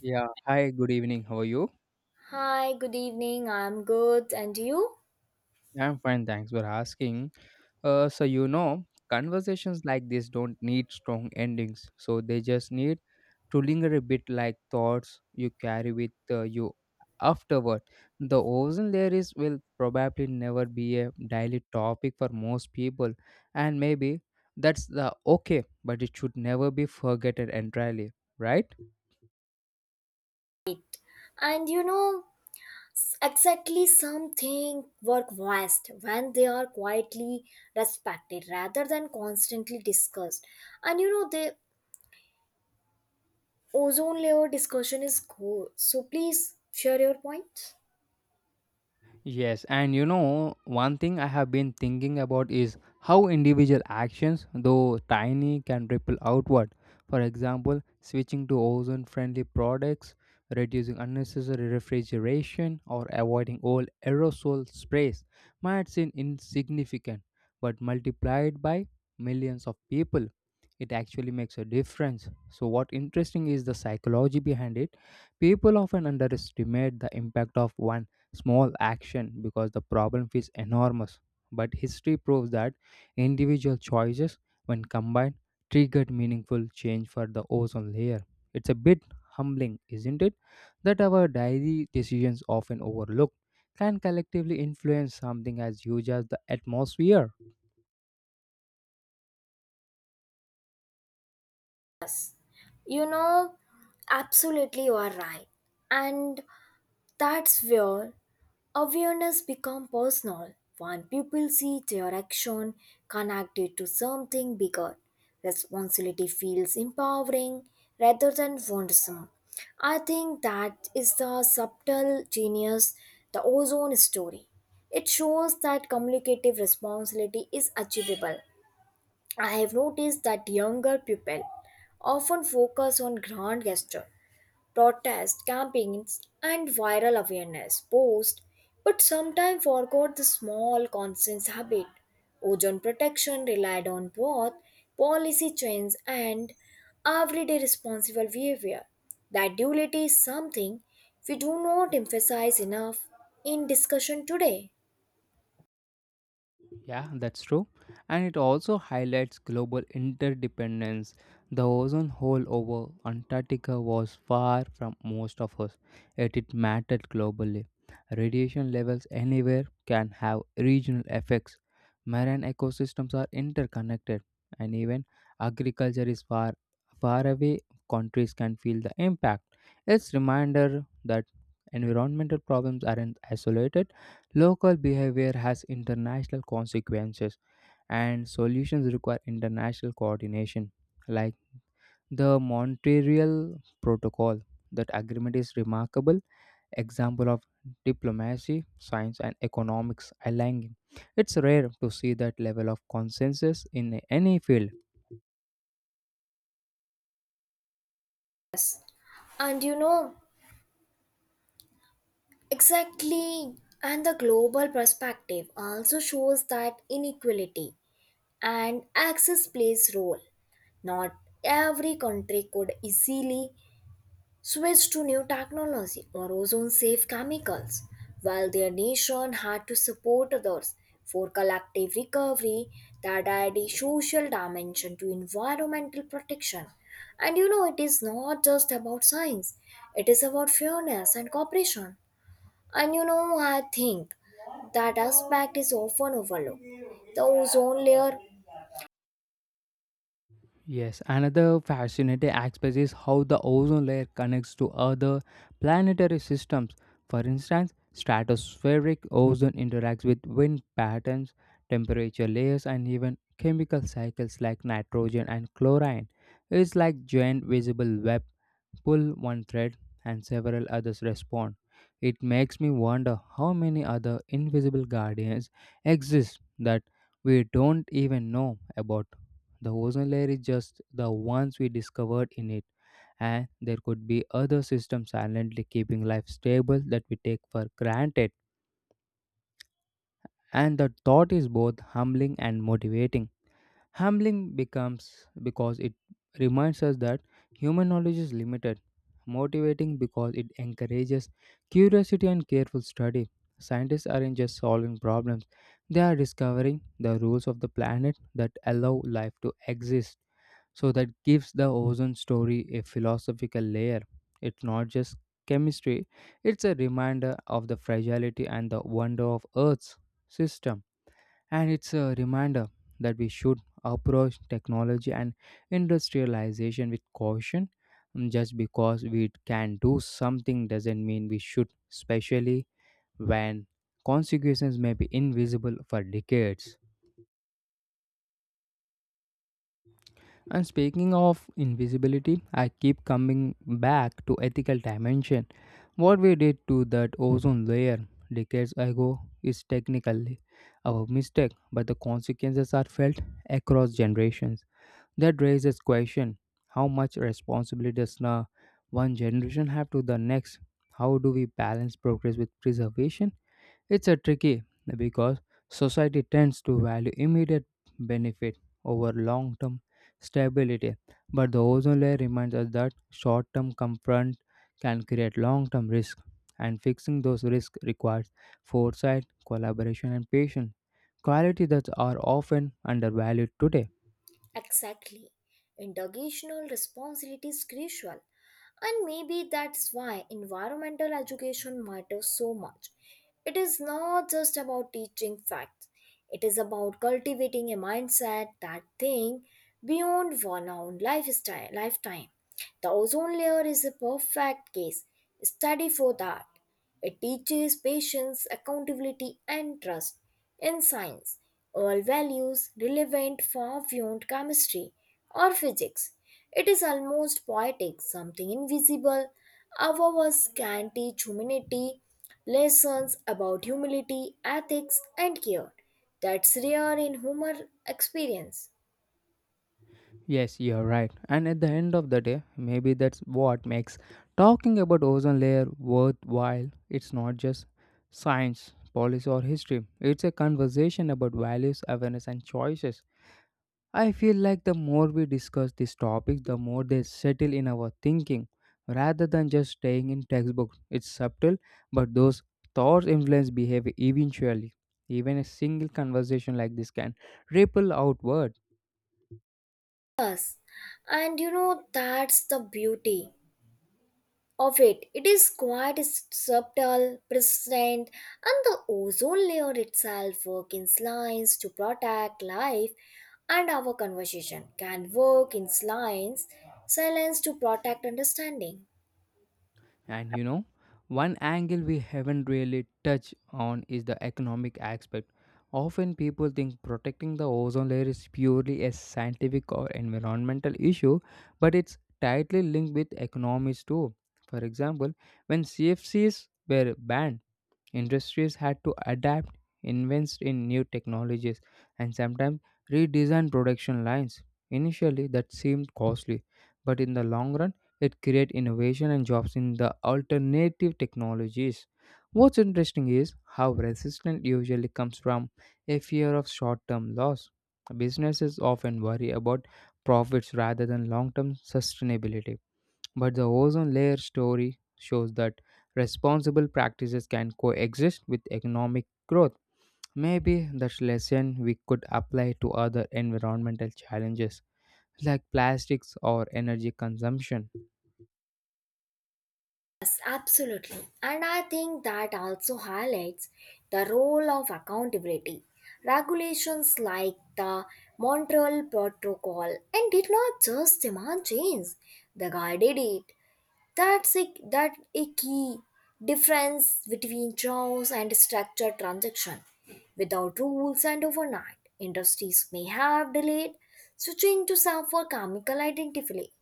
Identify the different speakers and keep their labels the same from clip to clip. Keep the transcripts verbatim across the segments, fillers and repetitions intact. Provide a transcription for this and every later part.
Speaker 1: Yeah, hi, good evening. How are you?
Speaker 2: Hi, good evening. I'm good. And you?
Speaker 1: I'm fine, thanks for asking. Uh, so, you know, conversations like this don't need strong endings, so they just need to linger a bit like thoughts you carry with uh, you afterward. The ozone layer is will probably never be a daily topic for most people, and maybe that's the okay, but it should never be forgotten entirely, right?
Speaker 2: And you know, exactly, something work best when they are quietly respected rather than constantly discussed. And you know, the ozone layer discussion is good. So please share your points.
Speaker 1: Yes, and you know, one thing I have been thinking about is how individual actions, though tiny, can ripple outward. For example, switching to ozone friendly products, reducing unnecessary refrigeration, or avoiding old aerosol sprays might seem insignificant, but multiplied by millions of people, it actually makes a difference. So, what interesting is the psychology behind it. People often underestimate the impact of one small action because the problem feels enormous. But history proves that individual choices, when combined, triggered meaningful change for the ozone layer. It's a bit humbling, isn't it, that our daily decisions often overlooked can collectively influence something as huge as the atmosphere.
Speaker 2: You know, absolutely you are right. And that's where awareness becomes personal when people see their action connected to something bigger. Responsibility feels empowering rather than burdensome. I think that is the subtle genius, the ozone story. It shows that communicative responsibility is achievable. I have noticed that younger people often focus on grand gesture protest campaigns, and viral awareness posts, but sometimes forgot the small constant habit. Ozone protection relied on both policy change and everyday responsible behavior. That duality is something we do not emphasize enough in discussion today.
Speaker 1: Yeah, that's true. And it also highlights global interdependence. The ozone hole over Antarctica was far from most of us, yet it mattered globally. Radiation levels anywhere can have regional effects. Marine ecosystems are interconnected, and even agriculture is far, far away. Countries can feel the impact. It's reminder that environmental problems aren't isolated. Local behavior has international consequences, and solutions require international coordination. Like the Montreal Protocol, that agreement is remarkable example of diplomacy, science, and economics aligning. It's rare to see that level of consensus in any field.
Speaker 2: And you know, exactly, and the global perspective also shows that inequality and access plays role. Not every country could easily switch to new technology or ozone safe chemicals while their nation had to support others for collective recovery. That add a social dimension to environmental protection, and you know it is not just about science, it is about fairness and cooperation. And you know, I think that aspect is often overlooked, the ozone layer.
Speaker 1: Yes, another fascinating aspect is how the ozone layer connects to other planetary systems. For instance, stratospheric ozone interacts with wind patterns, temperature layers, and even chemical cycles like nitrogen and chlorine. It's like giant visible web, pull one thread and several others respond. It makes me wonder how many other invisible guardians exist that we don't even know about. The ozone layer is just the ones we discovered in it, and there could be other systems silently keeping life stable that we take for granted. And the thought is both humbling and motivating. Humbling becomes because it reminds us that human knowledge is limited, motivating because it encourages curiosity and careful study. Scientists aren't just solving problems, they are discovering the rules of the planet that allow life to exist. So, that gives the ozone story a philosophical layer. It's not just chemistry, it's a reminder of the fragility and the wonder of Earth's system. And it's a reminder that we should approach technology and industrialization with caution. Mm, Just because we can do something doesn't mean we should, especially when consequences may be invisible for decades. And speaking of invisibility, I keep coming back to ethical dimension. What we did to that ozone layer decades ago is technically our mistake, but the consequences are felt across generations. That raises question: How much responsibility does now one generation have to the next? How do we balance progress with preservation? It's a tricky because society tends to value immediate benefit over long-term stability, but the ozone layer reminds us that short-term confront can create long-term risk, and fixing those risks requires foresight, collaboration, and patience quality that are often undervalued today.
Speaker 2: Exactly. Intergenerational responsibility is crucial, and maybe that's why environmental education matters so much. It is not just about teaching facts, it is about cultivating a mindset that thinks beyond one own lifestyle, lifetime. The ozone layer is a perfect case study for that. It teaches patience, accountability, and trust. In science, all values relevant far beyond chemistry or physics. It is almost poetic, something invisible. Ours can teach humanity lessons about humility, ethics, and care. That's rare in human experience.
Speaker 1: Yes, you're right. And at the end of the day, maybe that's what makes talking about ozone layer worthwhile. It's not just science, policy or history. It's a conversation about values, awareness and choices. I feel like the more we discuss these topics, the more they settle in our thinking rather than just staying in textbooks. It's subtle, but those thoughts influence behavior eventually. Even a single conversation like this can ripple outward.
Speaker 2: Yes, and you know that's the beauty of it. It is quite subtle, present, and the ozone layer itself work in lines to protect life, and our conversation can work in lines, silence to protect understanding.
Speaker 1: And you know, one angle we haven't really touched on is the economic aspect. Often people think protecting the ozone layer is purely a scientific or environmental issue, but it's tightly linked with economics too. For example, when C F Cs were banned, industries had to adapt, invest in new technologies, and sometimes redesign production lines. Initially, that seemed costly, but in the long run, it created innovation and jobs in the alternative technologies. What's interesting is how resistance usually comes from a fear of short term loss. Businesses often worry about profits rather than long term sustainability. But the ozone layer story shows that responsible practices can coexist with economic growth. Maybe that lesson we could apply to other environmental challenges like plastics or energy consumption.
Speaker 2: Yes, absolutely. And I think that also highlights the role of accountability. Regulations like the Montreal Protocol and did not just demand change, they guided it. That's a, that a key difference between chaos and structured transaction. Without rules and overnight, industries may have delayed switching to some for chemical identity,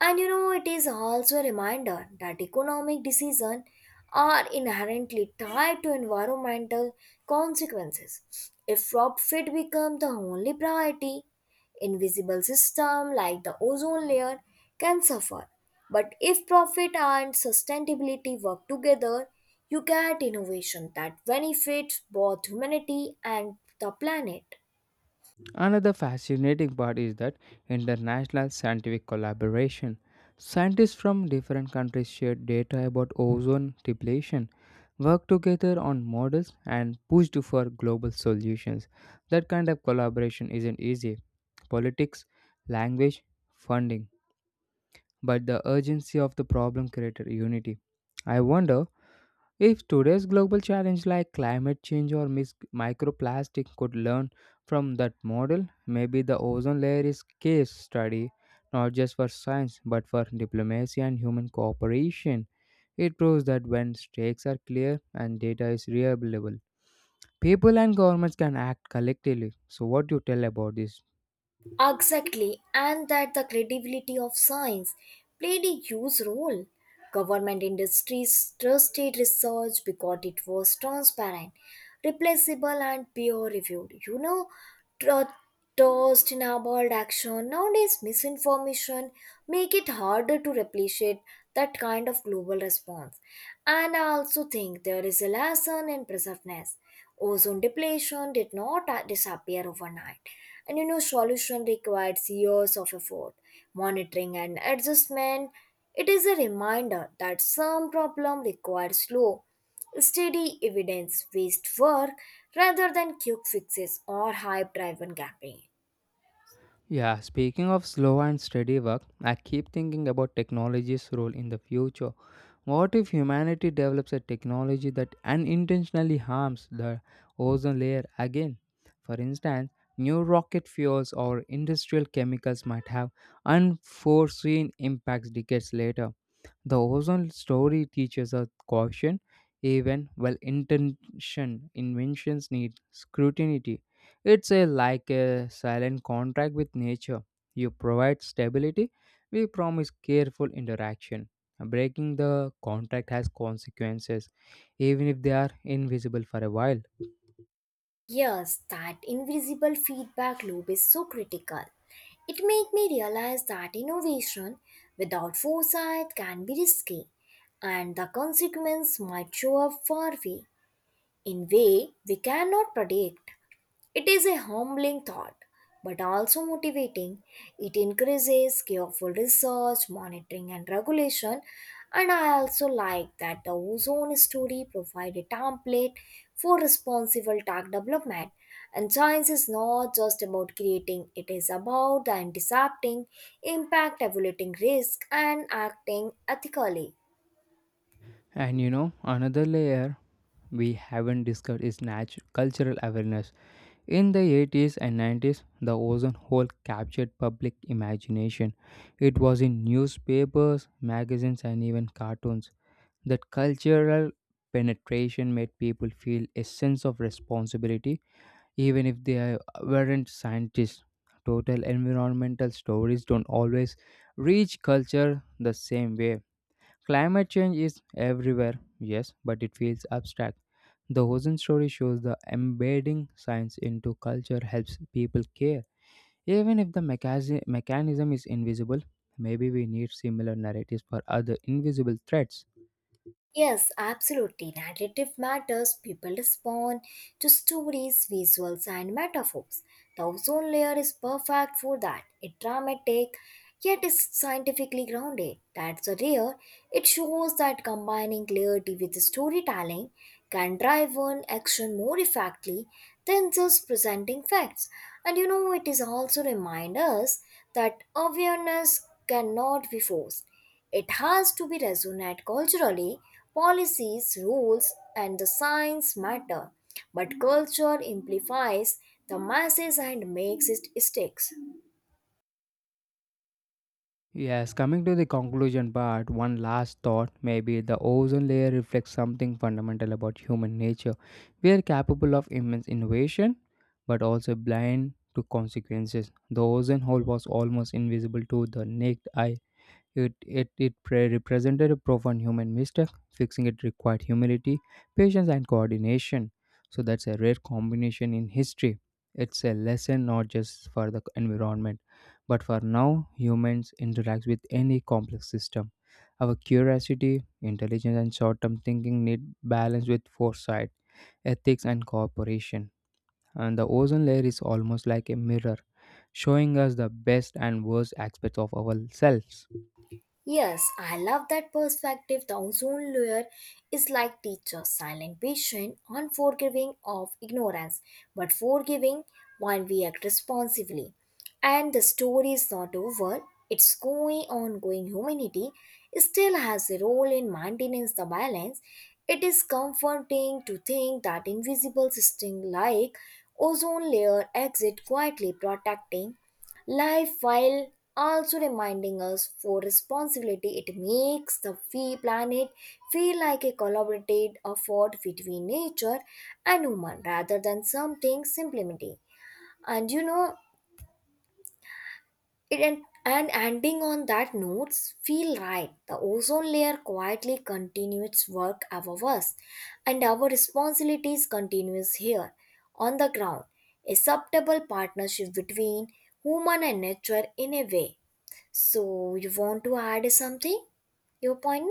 Speaker 2: and you know, it is also a reminder that economic decisions are inherently tied to environmental consequences. If profit becomes the only priority, invisible systems like the ozone layer can suffer. But if profit and sustainability work together, you get innovation that benefits both humanity and the planet.
Speaker 1: Another fascinating part is that international scientific collaboration. Scientists from different countries share data about ozone depletion, work together on models, and pushed for global solutions. That kind of collaboration isn't easy, politics, language, funding, but the urgency of the problem created unity. I wonder if today's global challenge like climate change or mis- microplastic could learn from that model. Maybe the ozone layer is case study not just for science but for diplomacy and human cooperation. It proves that when stakes are clear and data is reliable, people and governments can act collectively. So what do you tell about this?
Speaker 2: Exactly, and that the credibility of science played a huge role. Government industries trusted research because it was transparent, replaceable, and peer reviewed. You know, tr- trust in about action. Nowadays, misinformation make it harder to replicate that kind of global response. And I also think there is a lesson in preservedness. Ozone depletion did not uh, disappear overnight, and you know, solution requires years of effort, monitoring, and adjustment. It is a reminder that some problem requires slow, steady, evidence-based work rather than quick fixes or hype-driven campaign.
Speaker 1: Yeah, speaking of slow and steady work, I keep thinking about technology's role in the future. What if humanity develops a technology that unintentionally harms the ozone layer again? For instance, new rocket fuels or industrial chemicals might have unforeseen impacts decades later. The ozone story teaches us caution, even well intentioned inventions need scrutiny. It's a, like a silent contract with nature. You provide stability, we promise careful interaction. Breaking the contract has consequences, even if they are invisible for a while.
Speaker 2: Yes, that invisible feedback loop is so critical. It made me realize that innovation without foresight can be risky, and the consequence might show up far away in way we cannot predict. It is a humbling thought, but also motivating. It increases careful research, monitoring, and regulation. And I also like that the ozone study provides a template for responsible tech development. And science is not just about creating, it is about the intercepting, impact evaluating risk, and acting ethically.
Speaker 1: And you know, another layer we haven't discussed is natural cultural awareness. In the eighties and nineties, the ozone hole captured public imagination. It was in newspapers, magazines, and even cartoons. That cultural penetration made people feel a sense of responsibility, even if they are- weren't scientists. Total environmental stories don't always reach culture the same way. Climate change is everywhere, yes, but it feels abstract. The Ocean Story shows the embedding science into culture helps people care. Even if the mechasi- mechanism is invisible, maybe we need similar narratives for other invisible threats.
Speaker 2: Yes, absolutely. Narrative matters. People respond to stories, visuals, and metaphors. The ozone layer is perfect for that. It's dramatic, yet is scientifically grounded. That's a rare. It shows that combining clarity with storytelling can drive an action more effectively than just presenting facts. And you know, it is also remind us that awareness cannot be forced. It has to be resonate culturally. Policies, rules, and the science matter, but culture amplifies the masses and makes it sticks.
Speaker 1: Yes, coming to the conclusion part, one last thought maybe the ozone layer reflects something fundamental about human nature. We are capable of immense innovation, but also blind to consequences. The ozone hole was almost invisible to the naked eye. It, it, it pre- represented a profound human mistake. Fixing it required humility, patience, and coordination. So that's a rare combination in history. It's a lesson not just for the environment, but for now, humans interact with any complex system. Our curiosity, intelligence, and short term thinking need balance with foresight, ethics, and cooperation. And the ozone layer is almost like a mirror, showing us the best and worst aspects of ourselves.
Speaker 2: Yes, I love that perspective. The ozone layer is like teacher, silent, patient, unforgiving of ignorance, but forgiving when we act responsibly. And the story is not over. It's going ongoing. Humanity still has a role in maintaining the balance. It is comforting to think that invisible system like ozone layer exit quietly protecting life while also reminding us for responsibility. It makes the fee planet feel like a collaborative effort between nature and human rather than something simply. And you know it, and, and ending on that notes feel right. The ozone layer quietly continues its work above us, and our responsibilities continues here on the ground, a acceptable partnership between human and nature in a way. So, you want to add something? Your point?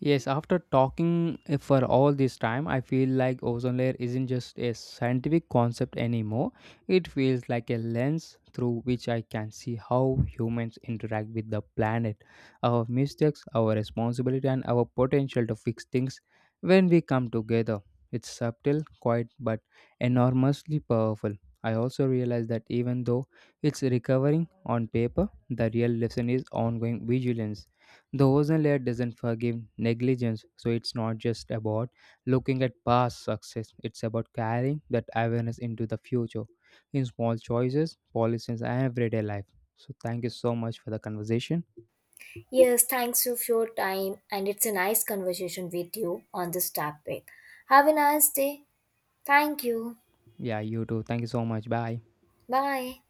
Speaker 1: Yes, after talking eh, for all this time, I feel like ozone layer isn't just a scientific concept anymore. It feels like a lens through which I can see how humans interact with the planet, our mistakes, our responsibility, and our potential to fix things when we come together. It's subtle, quiet, but enormously powerful. I also realize that even though it's recovering on paper, the real lesson is ongoing vigilance. The ozone layer doesn't forgive negligence, so it's not just about looking at past success, it's about carrying that awareness into the future in small choices, policies, and everyday life. So, thank you so much for the conversation.
Speaker 2: Yes, thanks for your time, and it's a nice conversation with you on this topic. Have a nice day. Thank you.
Speaker 1: Yeah, you too. Thank you so much. Bye.
Speaker 2: Bye.